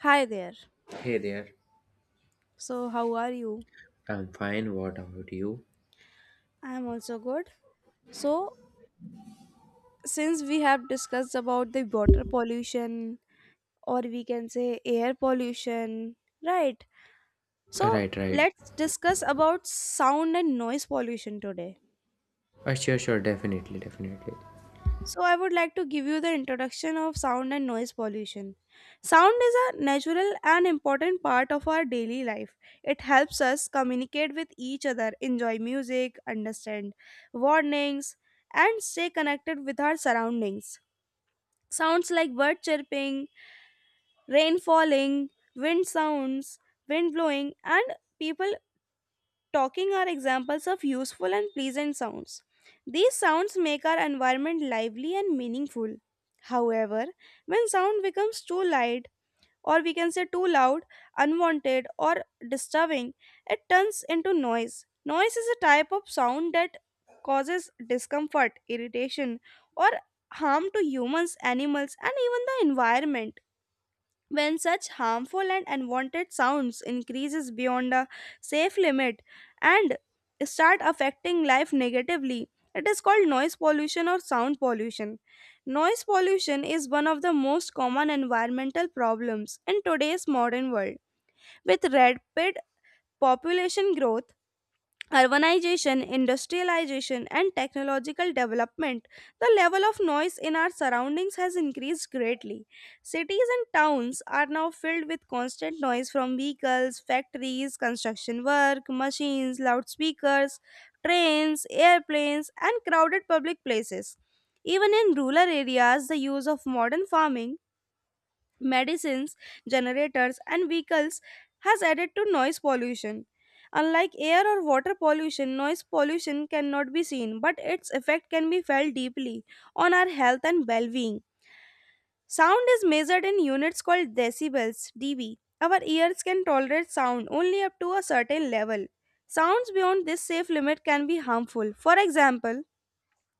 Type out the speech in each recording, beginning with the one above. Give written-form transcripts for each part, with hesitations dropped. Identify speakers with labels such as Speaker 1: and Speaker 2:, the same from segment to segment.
Speaker 1: Hi there.
Speaker 2: Hey there.
Speaker 1: So, how are you?
Speaker 2: I'm fine. What about you?
Speaker 1: I am also good. So, since we have discussed about the water pollution or we can say air pollution, right? So,
Speaker 2: Right, right.
Speaker 1: let's discuss about sound and noise pollution today.
Speaker 2: Sure, definitely.
Speaker 1: So, I would like to give you the introduction of sound and noise pollution. Sound is a natural and important part of our daily life. It helps us communicate with each other, enjoy music, understand warnings, and stay connected with our surroundings. Sounds like bird chirping, rain falling, wind sounds, wind blowing, and people talking are examples of useful and pleasant sounds. These sounds make our environment lively and meaningful. However, when sound becomes too loud, or we can say too loud, unwanted, or disturbing, it turns into noise. Noise is a type of sound that causes discomfort, irritation, or harm to humans, animals, and even the environment when such harmful and unwanted sounds increases beyond a safe limit and start affecting life negatively, it is called noise pollution or sound pollution. Noise pollution is one of the most common environmental problems in today's modern world. With rapid population growth, urbanization, industrialization, and technological development, the level of noise in our surroundings has increased greatly. Cities and towns are now filled with constant noise from vehicles, factories, construction work, machines, loudspeakers, trains, airplanes, and crowded public places. Even in rural areas, the use of modern farming medicines, generators, and vehicles has added to noise pollution. Unlike air or water pollution, noise pollution cannot be seen, but its effect can be felt deeply on our health and well being. Sound is measured in units called decibels, dB. Our ears can tolerate sound only up to a certain level. Sounds beyond this safe limit can be harmful. For example,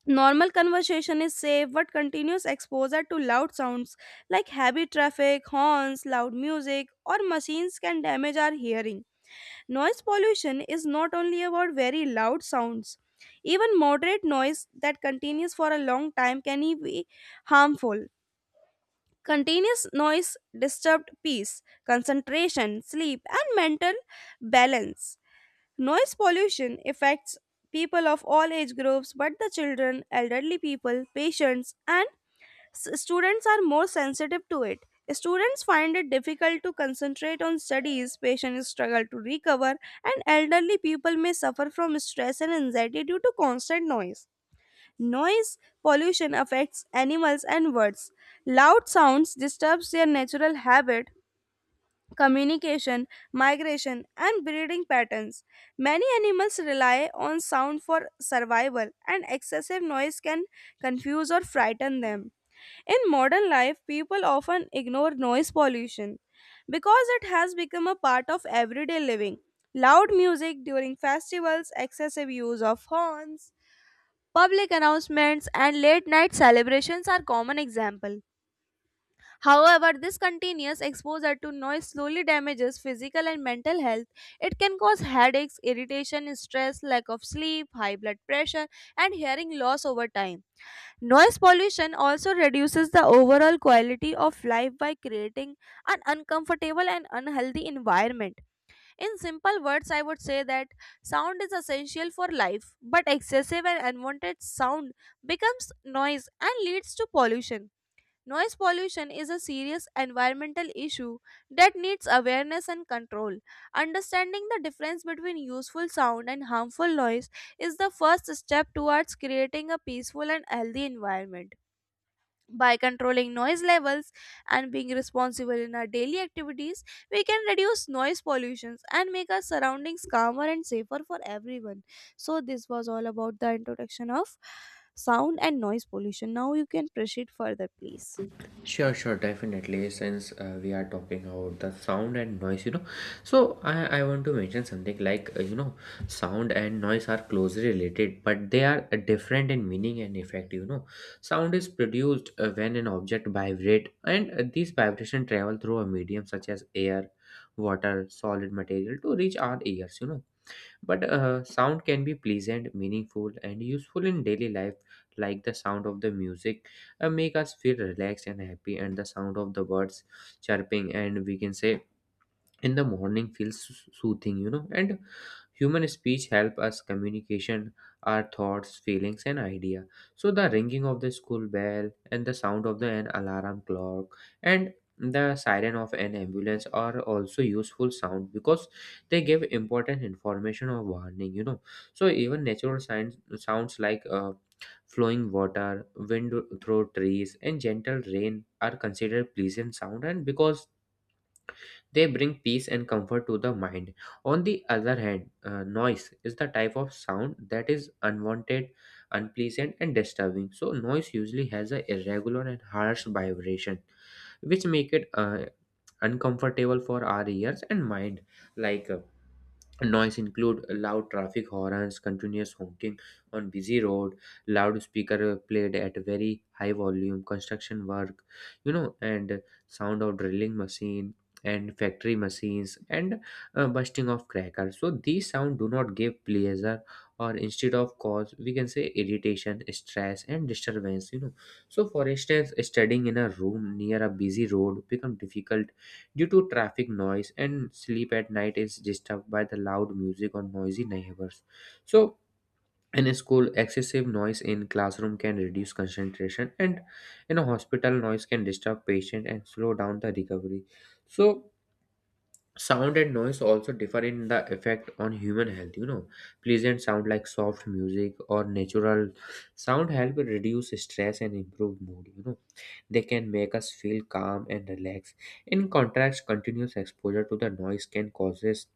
Speaker 1: normal conversation is safe, but continuous exposure to loud sounds like heavy traffic, horns, loud music, or machines can damage our hearing. Noise pollution is not only about very loud sounds. Even moderate noise that continues for a long time can be harmful. Continuous noise disturbed peace, concentration, sleep, and mental balance. Noise pollution affects people of all age groups, but the children, elderly people, patients, and students are more sensitive to it. Students find it difficult to concentrate on studies, patients struggle to recover, and elderly people may suffer from stress and anxiety due to constant noise. Noise pollution affects animals and birds. Loud sounds disturbs their natural habit, communication, migration, and breeding patterns. Many animals rely on sound for survival, and excessive noise can confuse or frighten them. In modern life, people often ignore noise pollution because it has become a part of everyday living. Loud music during festivals, excessive use of horns, public announcements, and late night celebrations are common examples. However, this continuous exposure to noise slowly damages physical and mental health. It can cause headaches, irritation, stress, lack of sleep, high blood pressure, and hearing loss over time. Noise pollution also reduces the overall quality of life by creating an uncomfortable and unhealthy environment. In simple words, I would say that sound is essential for life, but excessive and unwanted sound becomes noise and leads to pollution. Noise pollution is a serious environmental issue that needs awareness and control. Understanding the difference between useful sound and harmful noise is the first step towards creating a peaceful and healthy environment. By controlling noise levels and being responsible in our daily activities, we can reduce noise pollutions and make our surroundings calmer and safer for everyone. So, this was all about the introduction of sound and noise pollution. Now, you can proceed further, please.
Speaker 2: Sure, definitely. Since we are talking about the sound and noise, you know, so I want to mention something like, sound and noise are closely related, but they are different in meaning and effect, you know. Sound is produced when an object vibrates, and these vibrations travel through a medium such as air, water, solid material to reach our ears, you know. But sound can be pleasant, meaningful, and useful in daily life, like the sound of the music make us feel relaxed and happy, and the sound of the birds chirping, and we can say in the morning feels soothing, you know. And human speech help us communication our thoughts, feelings, and idea. So the ringing of the school bell and the sound of the an alarm clock and the siren of an ambulance are also useful sound because they give important information or warning, you know. So even natural signs sounds like flowing water, wind through trees, and gentle rain are considered pleasant sound, and because they bring peace and comfort to the mind. On the other hand, noise is the type of sound that is unwanted, unpleasant, and disturbing. So, noise usually has a irregular and harsh vibration, which make it uncomfortable for our ears and mind. Like uh, Noise include loud traffic horns, continuous honking on busy road, loudspeaker played at very high volume, construction work, you know, and sound of drilling machine and factory machines and bursting of crackers. So these sound do not give pleasure or instead of cause, we can say irritation, stress, and disturbance. You know, so for instance, studying in a room near a busy road become difficult due to traffic noise, and sleep at night is disturbed by the loud music or noisy neighbors. So in a school excessive noise in classroom can reduce concentration, and in a hospital noise can disturb patient and slow down the recovery. So sound and noise also differ in the effect on human health. You know, pleasant sound like soft music or natural sound help reduce stress and improve mood. You know, they can make us feel calm and relaxed. In contrast, continuous exposure to the noise can causes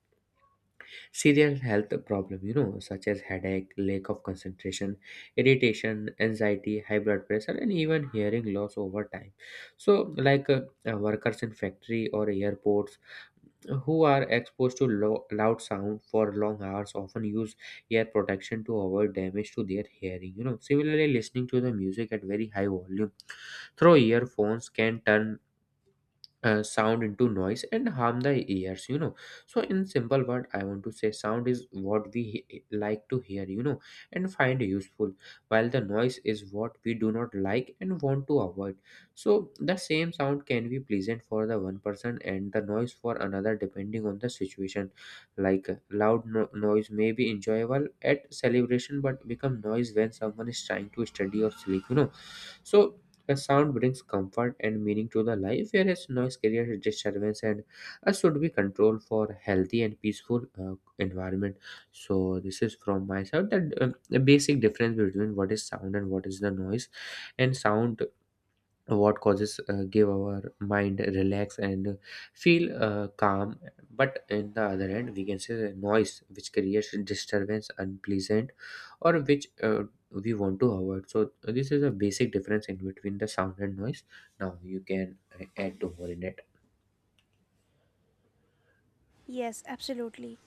Speaker 2: serious health problem. You know, such as headache, lack of concentration, irritation, anxiety, high blood pressure, and even hearing loss over time. So, workers in factory or airports who are exposed to loud sound for long hours often use ear protection to avoid damage to their hearing, you know. Similarly listening to the music at very high volume through earphones can turn sound into noise and harm the ears, you know. So in simple word, I want to say sound is what we like to hear, you know, and find useful, while the noise is what we do not like and want to avoid. So the same sound can be pleasant for the one person and the noise for another depending on the situation. Loud noise may be enjoyable at celebration but become noise when someone is trying to study or sleep, you know. So a sound brings comfort and meaning to the life, whereas noise creates disturbance and should be controlled for healthy and peaceful environment. So this is from my side that the basic difference between what is sound and what is the noise. And sound what causes give our mind relax and feel calm, but in the other hand we can say the noise which creates disturbance, unpleasant, or which we want to avoid. So this is a basic difference in between the sound and noise. Now you can add to more in it.
Speaker 1: Yes, absolutely.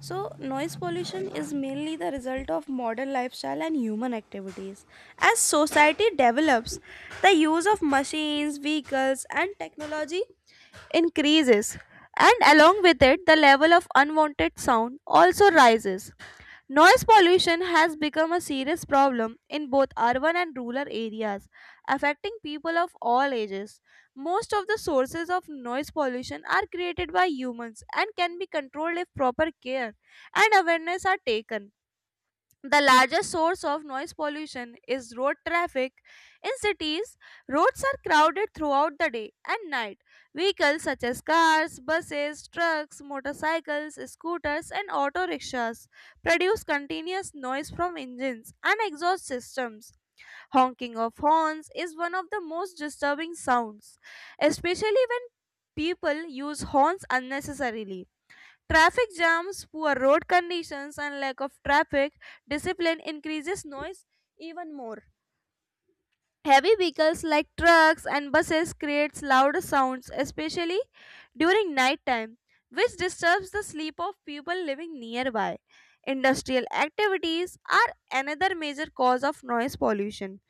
Speaker 1: So, noise pollution is mainly the result of modern lifestyle and human activities. As society develops, the use of machines, vehicles, and technology increases, and along with it, the level of unwanted sound also rises. Noise pollution has become a serious problem in both urban and rural areas, affecting people of all ages. Most of the sources of noise pollution are created by humans and can be controlled if proper care and awareness are taken. The largest source of noise pollution is road traffic. In cities, roads are crowded throughout the day and night. Vehicles such as cars, buses, trucks, motorcycles, scooters, and auto rickshaws produce continuous noise from engines and exhaust systems. Honking of horns is one of the most disturbing sounds, especially when people use horns unnecessarily. Traffic jams, poor road conditions, and lack of traffic discipline increases noise even more. Heavy vehicles like trucks and buses creates loud sounds, especially during night time, which disturbs the sleep of people living nearby. Industrial activities are another major cause of noise pollution.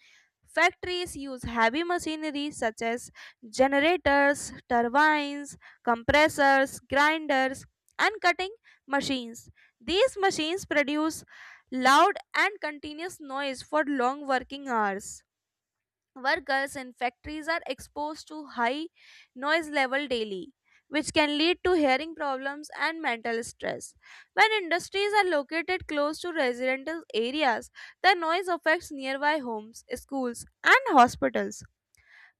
Speaker 1: Factories use heavy machinery such as generators, turbines, compressors, grinders, and cutting machines. These machines produce loud and continuous noise for long working hours. Workers in factories are exposed to high noise level daily, which can lead to hearing problems and mental stress. When industries are located close to residential areas, the noise affects nearby homes, schools, and hospitals.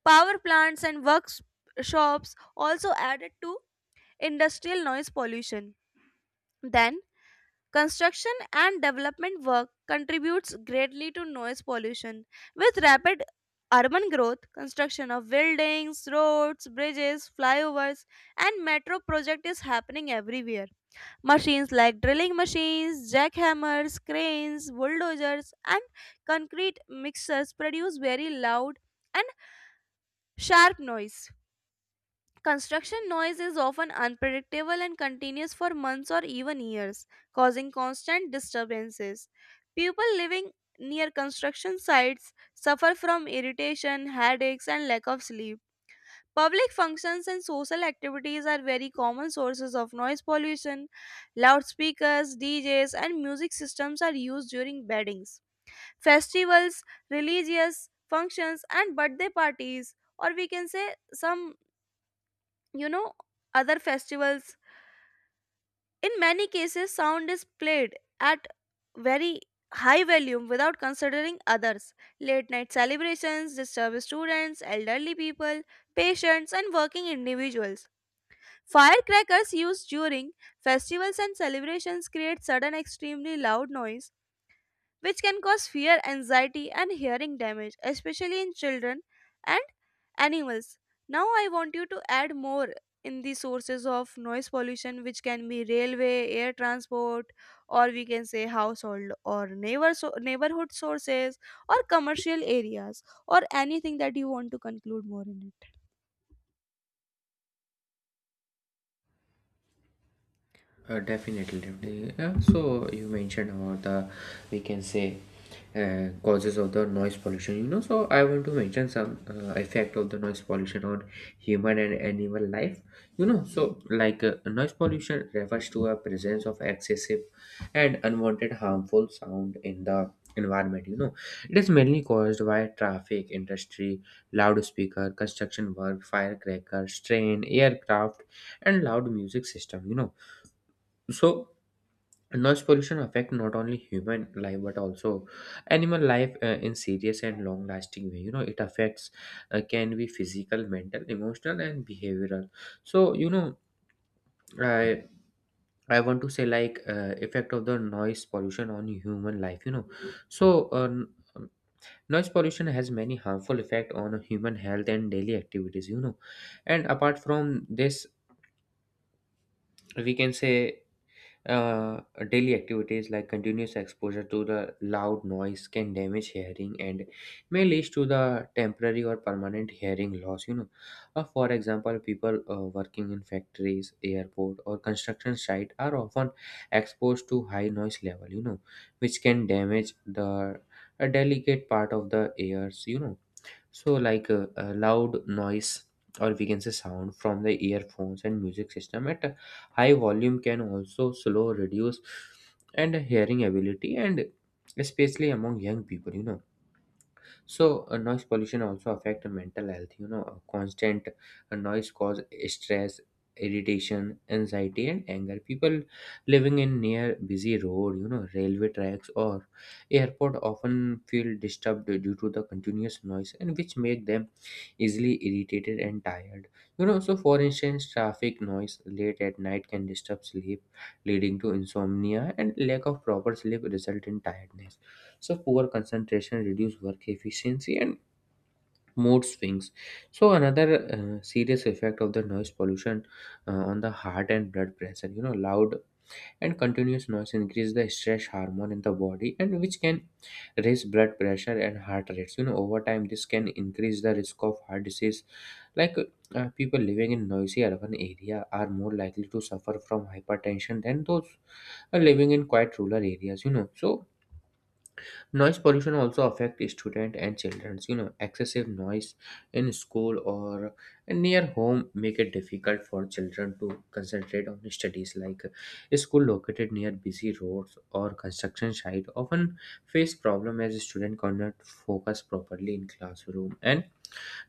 Speaker 1: Power plants and workshops also added to industrial noise pollution. Then construction and development work contributes greatly to noise pollution. With rapid urban growth, construction of buildings, roads, bridges, flyovers, and metro project is happening everywhere. Machines like drilling machines, jackhammers, cranes, bulldozers, and concrete mixers produce very loud and sharp noise. Construction noise is often unpredictable and continues for months or even years, causing constant disturbances. People living near construction sites suffer from irritation, headaches, and lack of sleep. Public functions and social activities are very common sources of noise pollution. Loudspeakers, DJs, and music systems are used during weddings, festivals, religious functions, and birthday parties, or we can say some you know other festivals. In many cases sound is played at very high volume without considering others. Late night celebrations disturb students, elderly people, patients, and working individuals. Firecrackers used during festivals and celebrations create sudden extremely loud noise, which can cause fear, anxiety, and hearing damage, especially in children and animals. Now, I want you to add more in the sources of noise pollution, which can be railway, air transport, or we can say household or neighbor neighborhood sources, or commercial areas, or anything that you want to conclude more in it.
Speaker 2: Definitely. So you mentioned about the, we can say, causes of the noise pollution. You know, so I want to mention some effect of the noise pollution on human and animal life. You know, so noise pollution refers to a presence of excessive and unwanted harmful sound in the environment. You know, it is mainly caused by traffic, industry, loudspeaker, construction work, firecrackers, train, aircraft, and loud music system. You know, so noise pollution affect not only human life but also animal life in serious and long lasting way. You know, it affects can be physical, mental, emotional, and behavioral. So, you know, i I want to say like effect of the noise pollution on human life. You know, so noise pollution has many harmful effect on human health and daily activities, you know, and apart from this we can say, Uh, daily activities like continuous exposure to the loud noise can damage hearing and may lead to the temporary or permanent hearing loss. You know, for example, people working in factories, airport, or construction site are often exposed to high noise level. You know, which can damage the delicate part of the ears. You know, so like a loud noise or we can say sound from the earphones and music system at a high volume can also slow reduce and hearing ability, and especially among young people, you know. So noise pollution also affect mental health. You know, constant noise cause stress, irritation, anxiety, and anger. People living in near busy road, you know, railway tracks, or airport often feel disturbed due to the continuous noise, and which make them easily irritated and tired. You know, so for instance, traffic noise late at night can disturb sleep, leading to insomnia, and lack of proper sleep result in tiredness. So poor concentration, reduced work efficiency, and mood swings. So another serious effect of the noise pollution on the heart and blood pressure. You know, loud and continuous noise increase the stress hormone in the body, and which can raise blood pressure and heart rates. You know, over time this can increase the risk of heart disease. Like people living in noisy urban area are more likely to suffer from hypertension than those are living in quiet rural areas, you know. So noise pollution also affect students and children. You know, excessive noise in school or near home make it difficult for children to concentrate on studies. Like a school located near busy roads or construction site often face problem as student cannot focus properly in classroom. And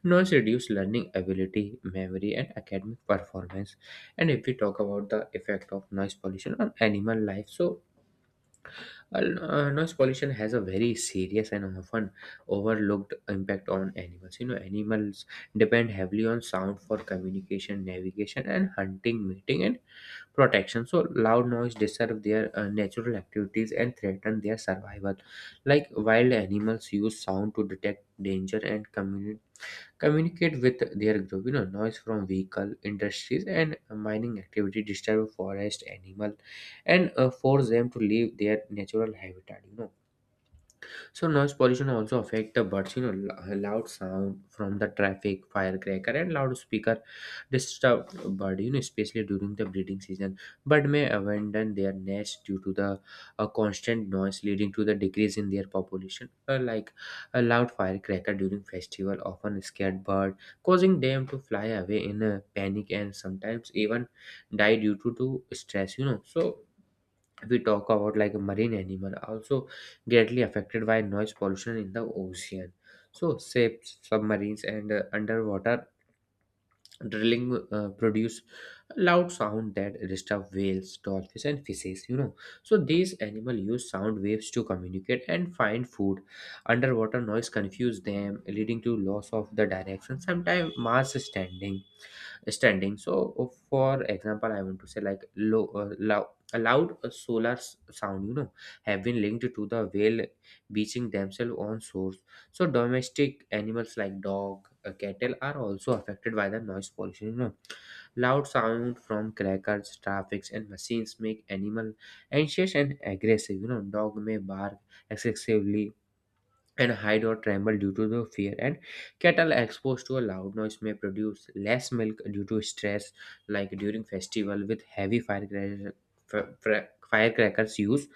Speaker 2: noise reduce learning ability, memory, and academic performance. And if we talk about the effect of noise pollution on animal life, so well, noise pollution has a very serious and often overlooked impact on animals. You know, animals depend heavily on sound for communication, navigation, and hunting, mating, and protection. So, loud noise disturb their natural activities and threaten their survival. Like wild animals use sound to detect danger and communicate with their group. You know, noise from vehicle, industries, and mining activity disturb forest, animal, and force them to leave their natural habitat. You know, so noise pollution also affect the birds. You know, loud sound from the traffic, firecracker, and loudspeaker disturb bird. You know, especially during the breeding season, bird may abandon their nest due to the constant noise, leading to the decrease in their population. Like a loud firecracker during festival often scared bird, causing them to fly away in a panic and sometimes even die due to stress. So we talk about like marine animal are also greatly affected by noise pollution in the ocean. So ships, submarines, and underwater drilling produce loud sound that disturb whales, dolphins, and fishes. So these animal use sound waves to communicate and find food. Underwater noise confuse them, leading to loss of the direction, sometimes mass standing. So for example, I want to say like low loud a loud sound have been linked to the whale beaching themselves on shores. So domestic animals like dog, cattle are also affected by the noise pollution. Loud sound from crackers, traffics, and machines make animal anxious and aggressive. Dog may bark excessively and hide or tremble due to the fear, and cattle exposed to a loud noise may produce less milk due to stress. Like during festival with heavy firecrackers use,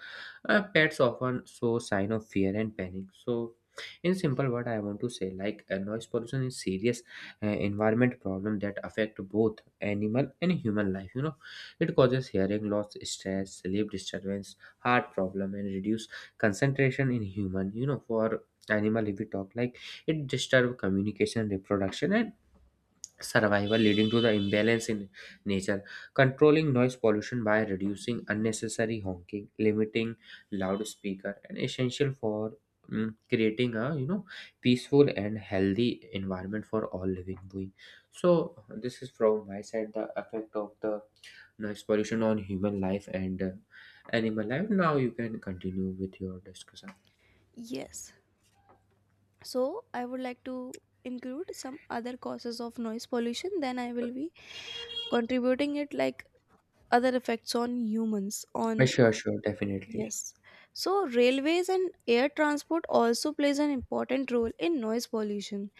Speaker 2: pets often show sign of fear and panic. So in simple word, I want to say like noise pollution is serious environment problem that affect both animal and human life. It causes hearing loss, stress, sleep disturbance, heart problem, and reduce concentration in human. For animal, if we talk like, it disturbs communication, reproduction, and survival, leading to the imbalance in nature. Controlling noise pollution by reducing unnecessary honking, limiting loudspeaker, and essential for creating a, peaceful and healthy environment for all living being. So this is from my side, the effect of the noise pollution on human life and animal life. Now you can continue with your discussion.
Speaker 1: Yes. So, I would like to include some other causes of noise pollution, then I will be contributing it like other effects on humans on.
Speaker 2: Sure, sure, definitely.
Speaker 1: Yes. So, railways and air transport also plays an important role in noise pollution.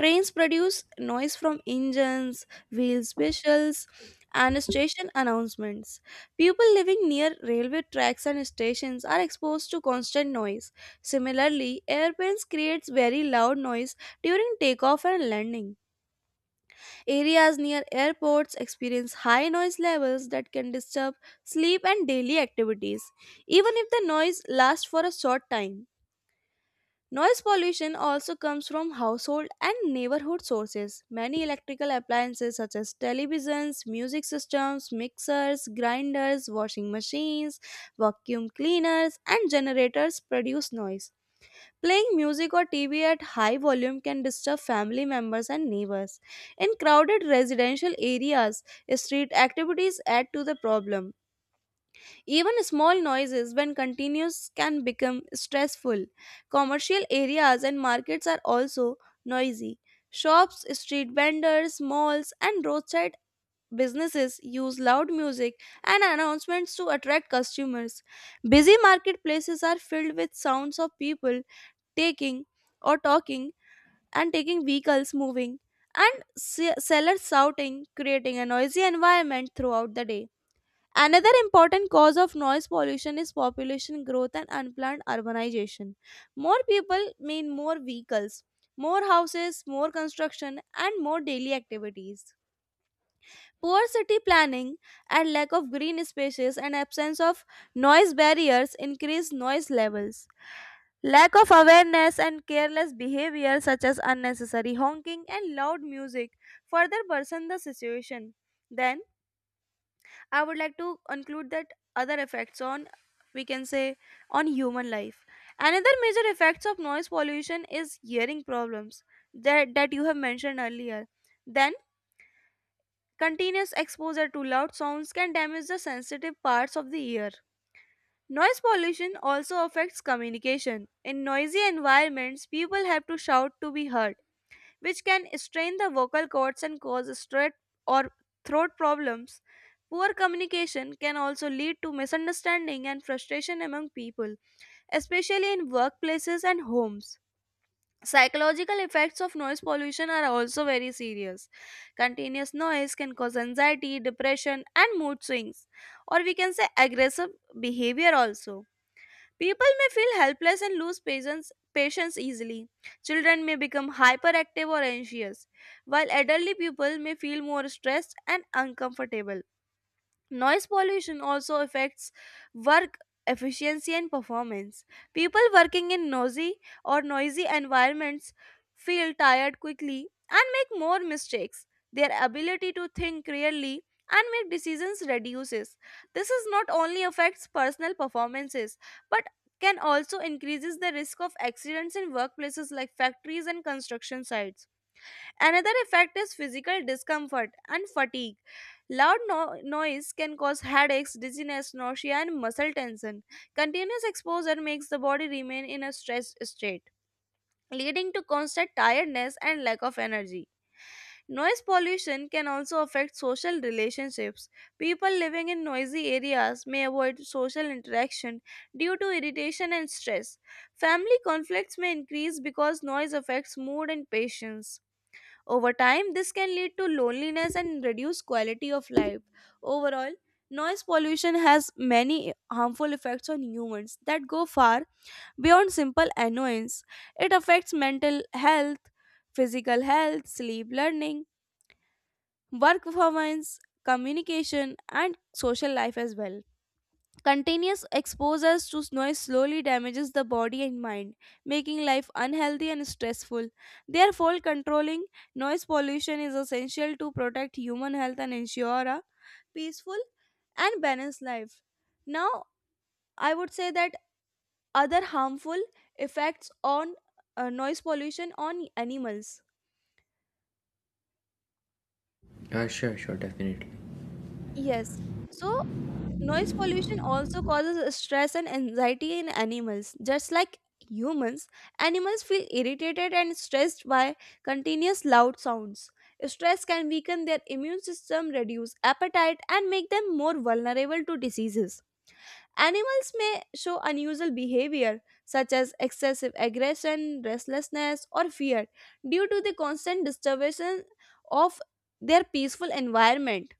Speaker 1: Trains produce noise from engines, wheels, whistles, and station announcements. People living near railway tracks and stations are exposed to constant noise. Similarly, airplanes creates very loud noise during takeoff and landing. Areas near airports experience high noise levels that can disturb sleep and daily activities, even if the noise lasts for a short time. Noise pollution also comes from household and neighborhood sources. Many electrical appliances such as televisions, music systems, mixers, grinders, washing machines, vacuum cleaners, and generators produce noise. Playing music or TV at high volume can disturb family members and neighbors. In crowded residential areas, street activities add to the problem. Even small noises, when continuous, can become stressful. Commercial areas and markets are also noisy. Shops, street vendors, malls, and roadside businesses use loud music and announcements to attract customers. Busy marketplaces are filled with sounds of people taking or talking and taking vehicles moving and sellers shouting, creating a noisy environment throughout the day. Another important cause of noise pollution is population growth and unplanned urbanization. More people mean more vehicles, more houses, more construction, and more daily activities. Poor city planning and lack of green spaces and absence of noise barriers increase noise levels. Lack of awareness and careless behavior, such as unnecessary honking and loud music, further worsen the situation. Then, I would like to conclude that other effects on, we can say, on human life. Another major effects of noise pollution is hearing problems that you have mentioned earlier. Then, continuous exposure to loud sounds can damage the sensitive parts of the ear. Noise pollution also affects communication. In noisy environments, people have to shout to be heard, which can strain the vocal cords and cause or throat problems. Poor communication can also lead to misunderstanding and frustration among people, especially in workplaces and homes. Psychological effects of noise pollution are also very serious. Continuous noise can cause anxiety, depression, and mood swings, or we can say aggressive behavior also. People may feel helpless and lose patience easily. Children may become hyperactive or anxious, while elderly people may feel more stressed and uncomfortable. Noise pollution also affects work efficiency and performance. People working in noisy environments feel tired quickly and make more mistakes. Their ability to think clearly and make decisions reduces. This is not only affects personal performances but can also increases the risk of accidents in workplaces like factories and construction sites. Another effect is physical discomfort and fatigue. Loud noise can cause headaches, dizziness, nausea, and muscle tension. Continuous exposure makes the body remain in a stressed state, leading to constant tiredness and lack of energy. Noise pollution can also affect social relationships. People living in noisy areas may avoid social interaction due to irritation and stress. Family conflicts may increase because noise affects mood and patience. Over time, this can lead to loneliness and reduce quality of life. Overall, noise pollution has many harmful effects on humans that go far beyond simple annoyance. It affects mental health, physical health, sleep, learning, work performance, communication, and social life as well. Continuous exposure to noise slowly damages the body and mind, making life unhealthy and stressful. Therefore, controlling noise pollution is essential to protect human health and ensure a peaceful and balanced life. Now, I would say that other harmful effects on noise pollution on animals.
Speaker 2: Sure, sure, definitely.
Speaker 1: Yes. So, noise pollution also causes stress and anxiety in animals. Just like humans, animals feel irritated and stressed by continuous loud sounds. Stress can weaken their immune system, reduce appetite, and make them more vulnerable to diseases. Animals may show unusual behavior, such as excessive aggression, restlessness, or fear, due to the constant disturbance of their peaceful environment.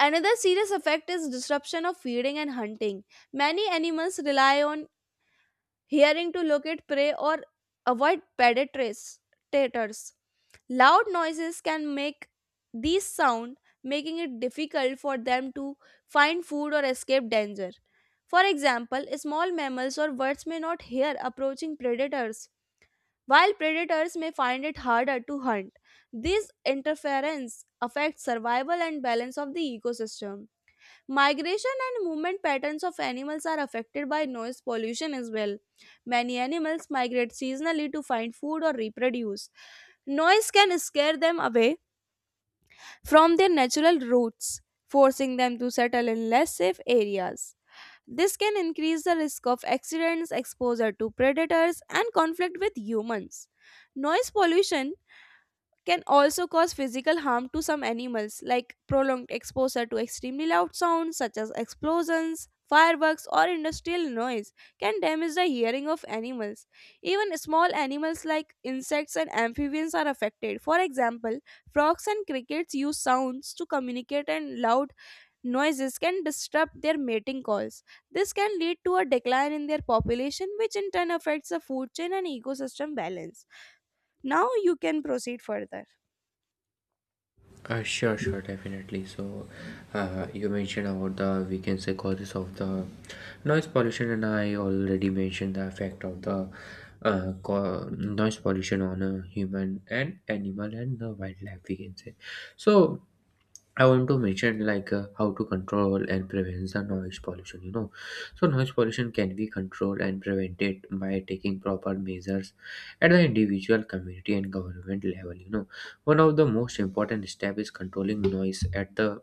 Speaker 1: Another serious effect is disruption of feeding and hunting. Many animals rely on hearing to locate prey or avoid predators. Loud noises can make these sound, making it difficult for them to find food or escape danger. For example, small mammals or birds may not hear approaching predators, while predators may find it harder to hunt. This interference affects survival and balance of the ecosystem. Migration and movement patterns of animals are affected by noise pollution as well. Many animals migrate seasonally to find food or reproduce. Noise can scare them away from their natural routes, forcing them to settle in less safe areas. This can increase the risk of accidents, exposure to predators, and conflict with humans. Noise pollution can also cause physical harm to some animals, like prolonged exposure to extremely loud sounds such as explosions, fireworks, or industrial noise can damage the hearing of animals. Even small animals like insects and amphibians are affected. For example, frogs and crickets use sounds to communicate, and loud noises can disrupt their mating calls. This can lead to a decline in their population, which in turn affects the food chain and ecosystem balance. Now you can proceed further.
Speaker 2: Sure, sure, definitely. So, you mentioned about the, we can say, causes of the noise pollution, and I already mentioned the effect of the noise pollution on a human and animal and the wildlife, we can say. So, I want to mention like how to control and prevent the noise pollution. You know, so noise pollution can be controlled and prevented by taking proper measures at the individual, community, and government level. You know, one of the most important step is controlling noise at the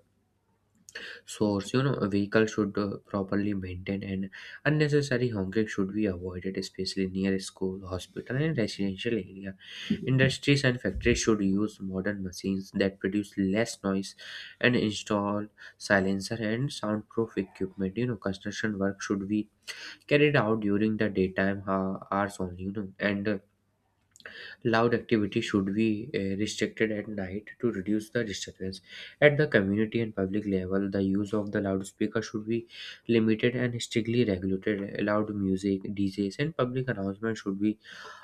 Speaker 2: source. You know, a vehicle should properly maintained, and unnecessary honking should be avoided, especially near school, hospital, and residential area. Industries and factories should use modern machines that produce less noise and install silencer and soundproof equipment. You know, construction work should be carried out during the daytime hours only. You know, and loud activity should be restricted at night to reduce the disturbance. At the community and public level, the use of the loudspeaker should be limited and strictly regulated. Loud music, DJs, and public announcements should be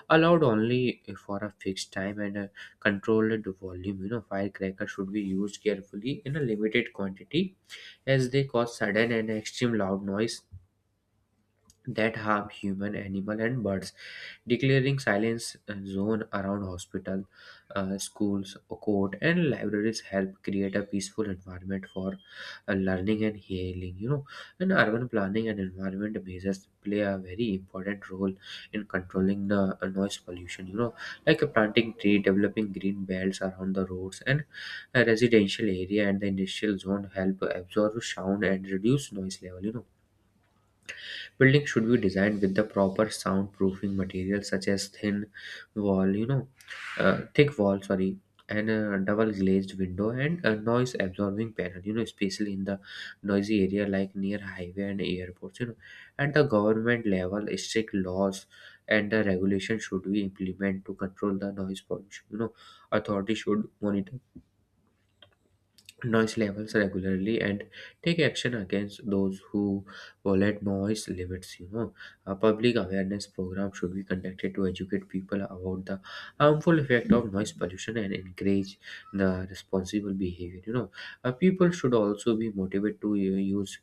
Speaker 2: allowed only for a fixed time and a controlled volume. You know, firecrackers should be used carefully in a limited quantity, as they cause sudden and extreme loud noise that harm human, animal, and birds. Declaring silence zone around hospital, schools, court, and libraries help create a peaceful environment for learning and healing. You know, and urban planning and environment measures play a very important role in controlling the noise pollution. You know, like planting tree, developing green belts around the roads and residential area and the industrial zone help absorb sound and reduce noise level. You know, building should be designed with the proper soundproofing materials such as thin wall, you know, thick wall, sorry, and a double glazed window and a noise absorbing panel, you know, especially in the noisy area like near highway and airports, you know. At the government level, strict laws and the regulation should be implemented to control the noise pollution. You know, authorities should monitor noise levels regularly and take action against those who violate noise limits. You know, a public awareness program should be conducted to educate people about the harmful effect of noise pollution and encourage the responsible behavior. You know, people should also be motivated to use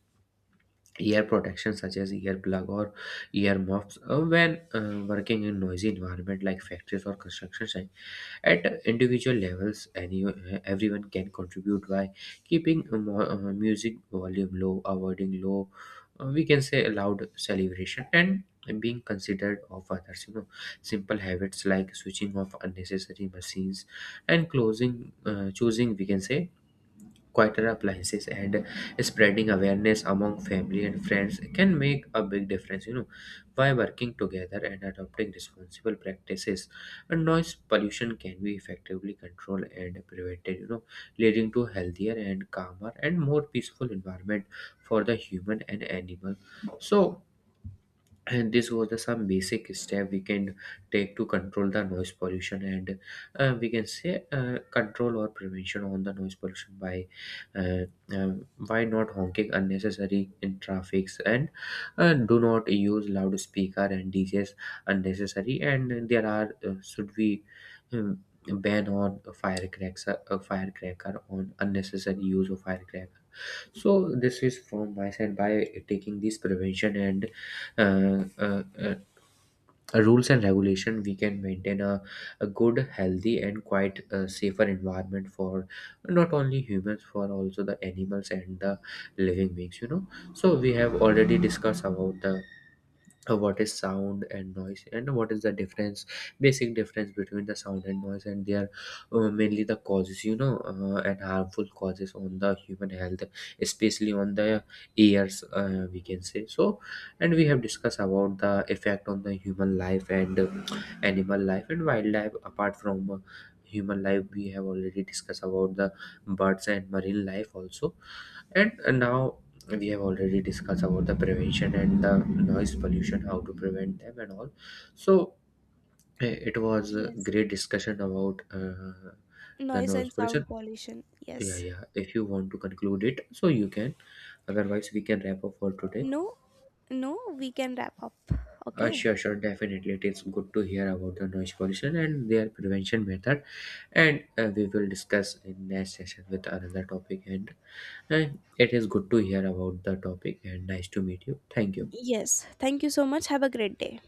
Speaker 2: ear protection such as earplug or ear muffs when working in noisy environment like factories or construction site. At individual levels, everyone can contribute by keeping music volume low, avoiding low we can say loud celebration and being considered of others. You know, simple habits like switching off unnecessary machines and closing choosing, we can say, quieter appliances and spreading awareness among family and friends can make a big difference. You know, by working together and adopting responsible practices, and noise pollution can be effectively controlled and prevented. You know, leading to healthier and calmer and more peaceful environment for the human and animal. So, and this was the some basic step we can take to control the noise pollution and we can say control or prevention on the noise pollution uh, by not honking unnecessary in traffics and do not use loudspeaker and DJs unnecessary. And there are should we um, ban on firecracker on unnecessary use of firecracker. So this is from my side, by taking this prevention and uh, uh, uh, rules and regulation, we can maintain a good healthy and quite safer environment for not only humans, for also the animals and the living beings. You know, so we have already discussed about the what is sound and noise and what is the difference, basic difference between the sound and noise and their mainly the causes. You know, and harmful causes on the human health, especially on the ears, we can say. So, and we have discussed about the effect on the human life and animal life and wildlife, apart from human life. We have already discussed about the birds and marine life also, and now we have already discussed about the prevention and the noise pollution, how to prevent them and all. So, it was a
Speaker 1: Yes.
Speaker 2: great discussion about the
Speaker 1: Noise
Speaker 2: noise
Speaker 1: and
Speaker 2: pollution.
Speaker 1: sound pollution.
Speaker 2: Yeah,
Speaker 1: Yes.
Speaker 2: yeah, if you want to conclude it, so you can, otherwise we can wrap up for today.
Speaker 1: No, no, we can wrap up. Okay.
Speaker 2: Sure, sure, definitely. It is good to hear about the noise pollution and their prevention method, and we will discuss in next session with another topic, and it is good to hear about the topic and nice to meet you. Thank you.
Speaker 1: Yes. Thank you so much. Have a great day.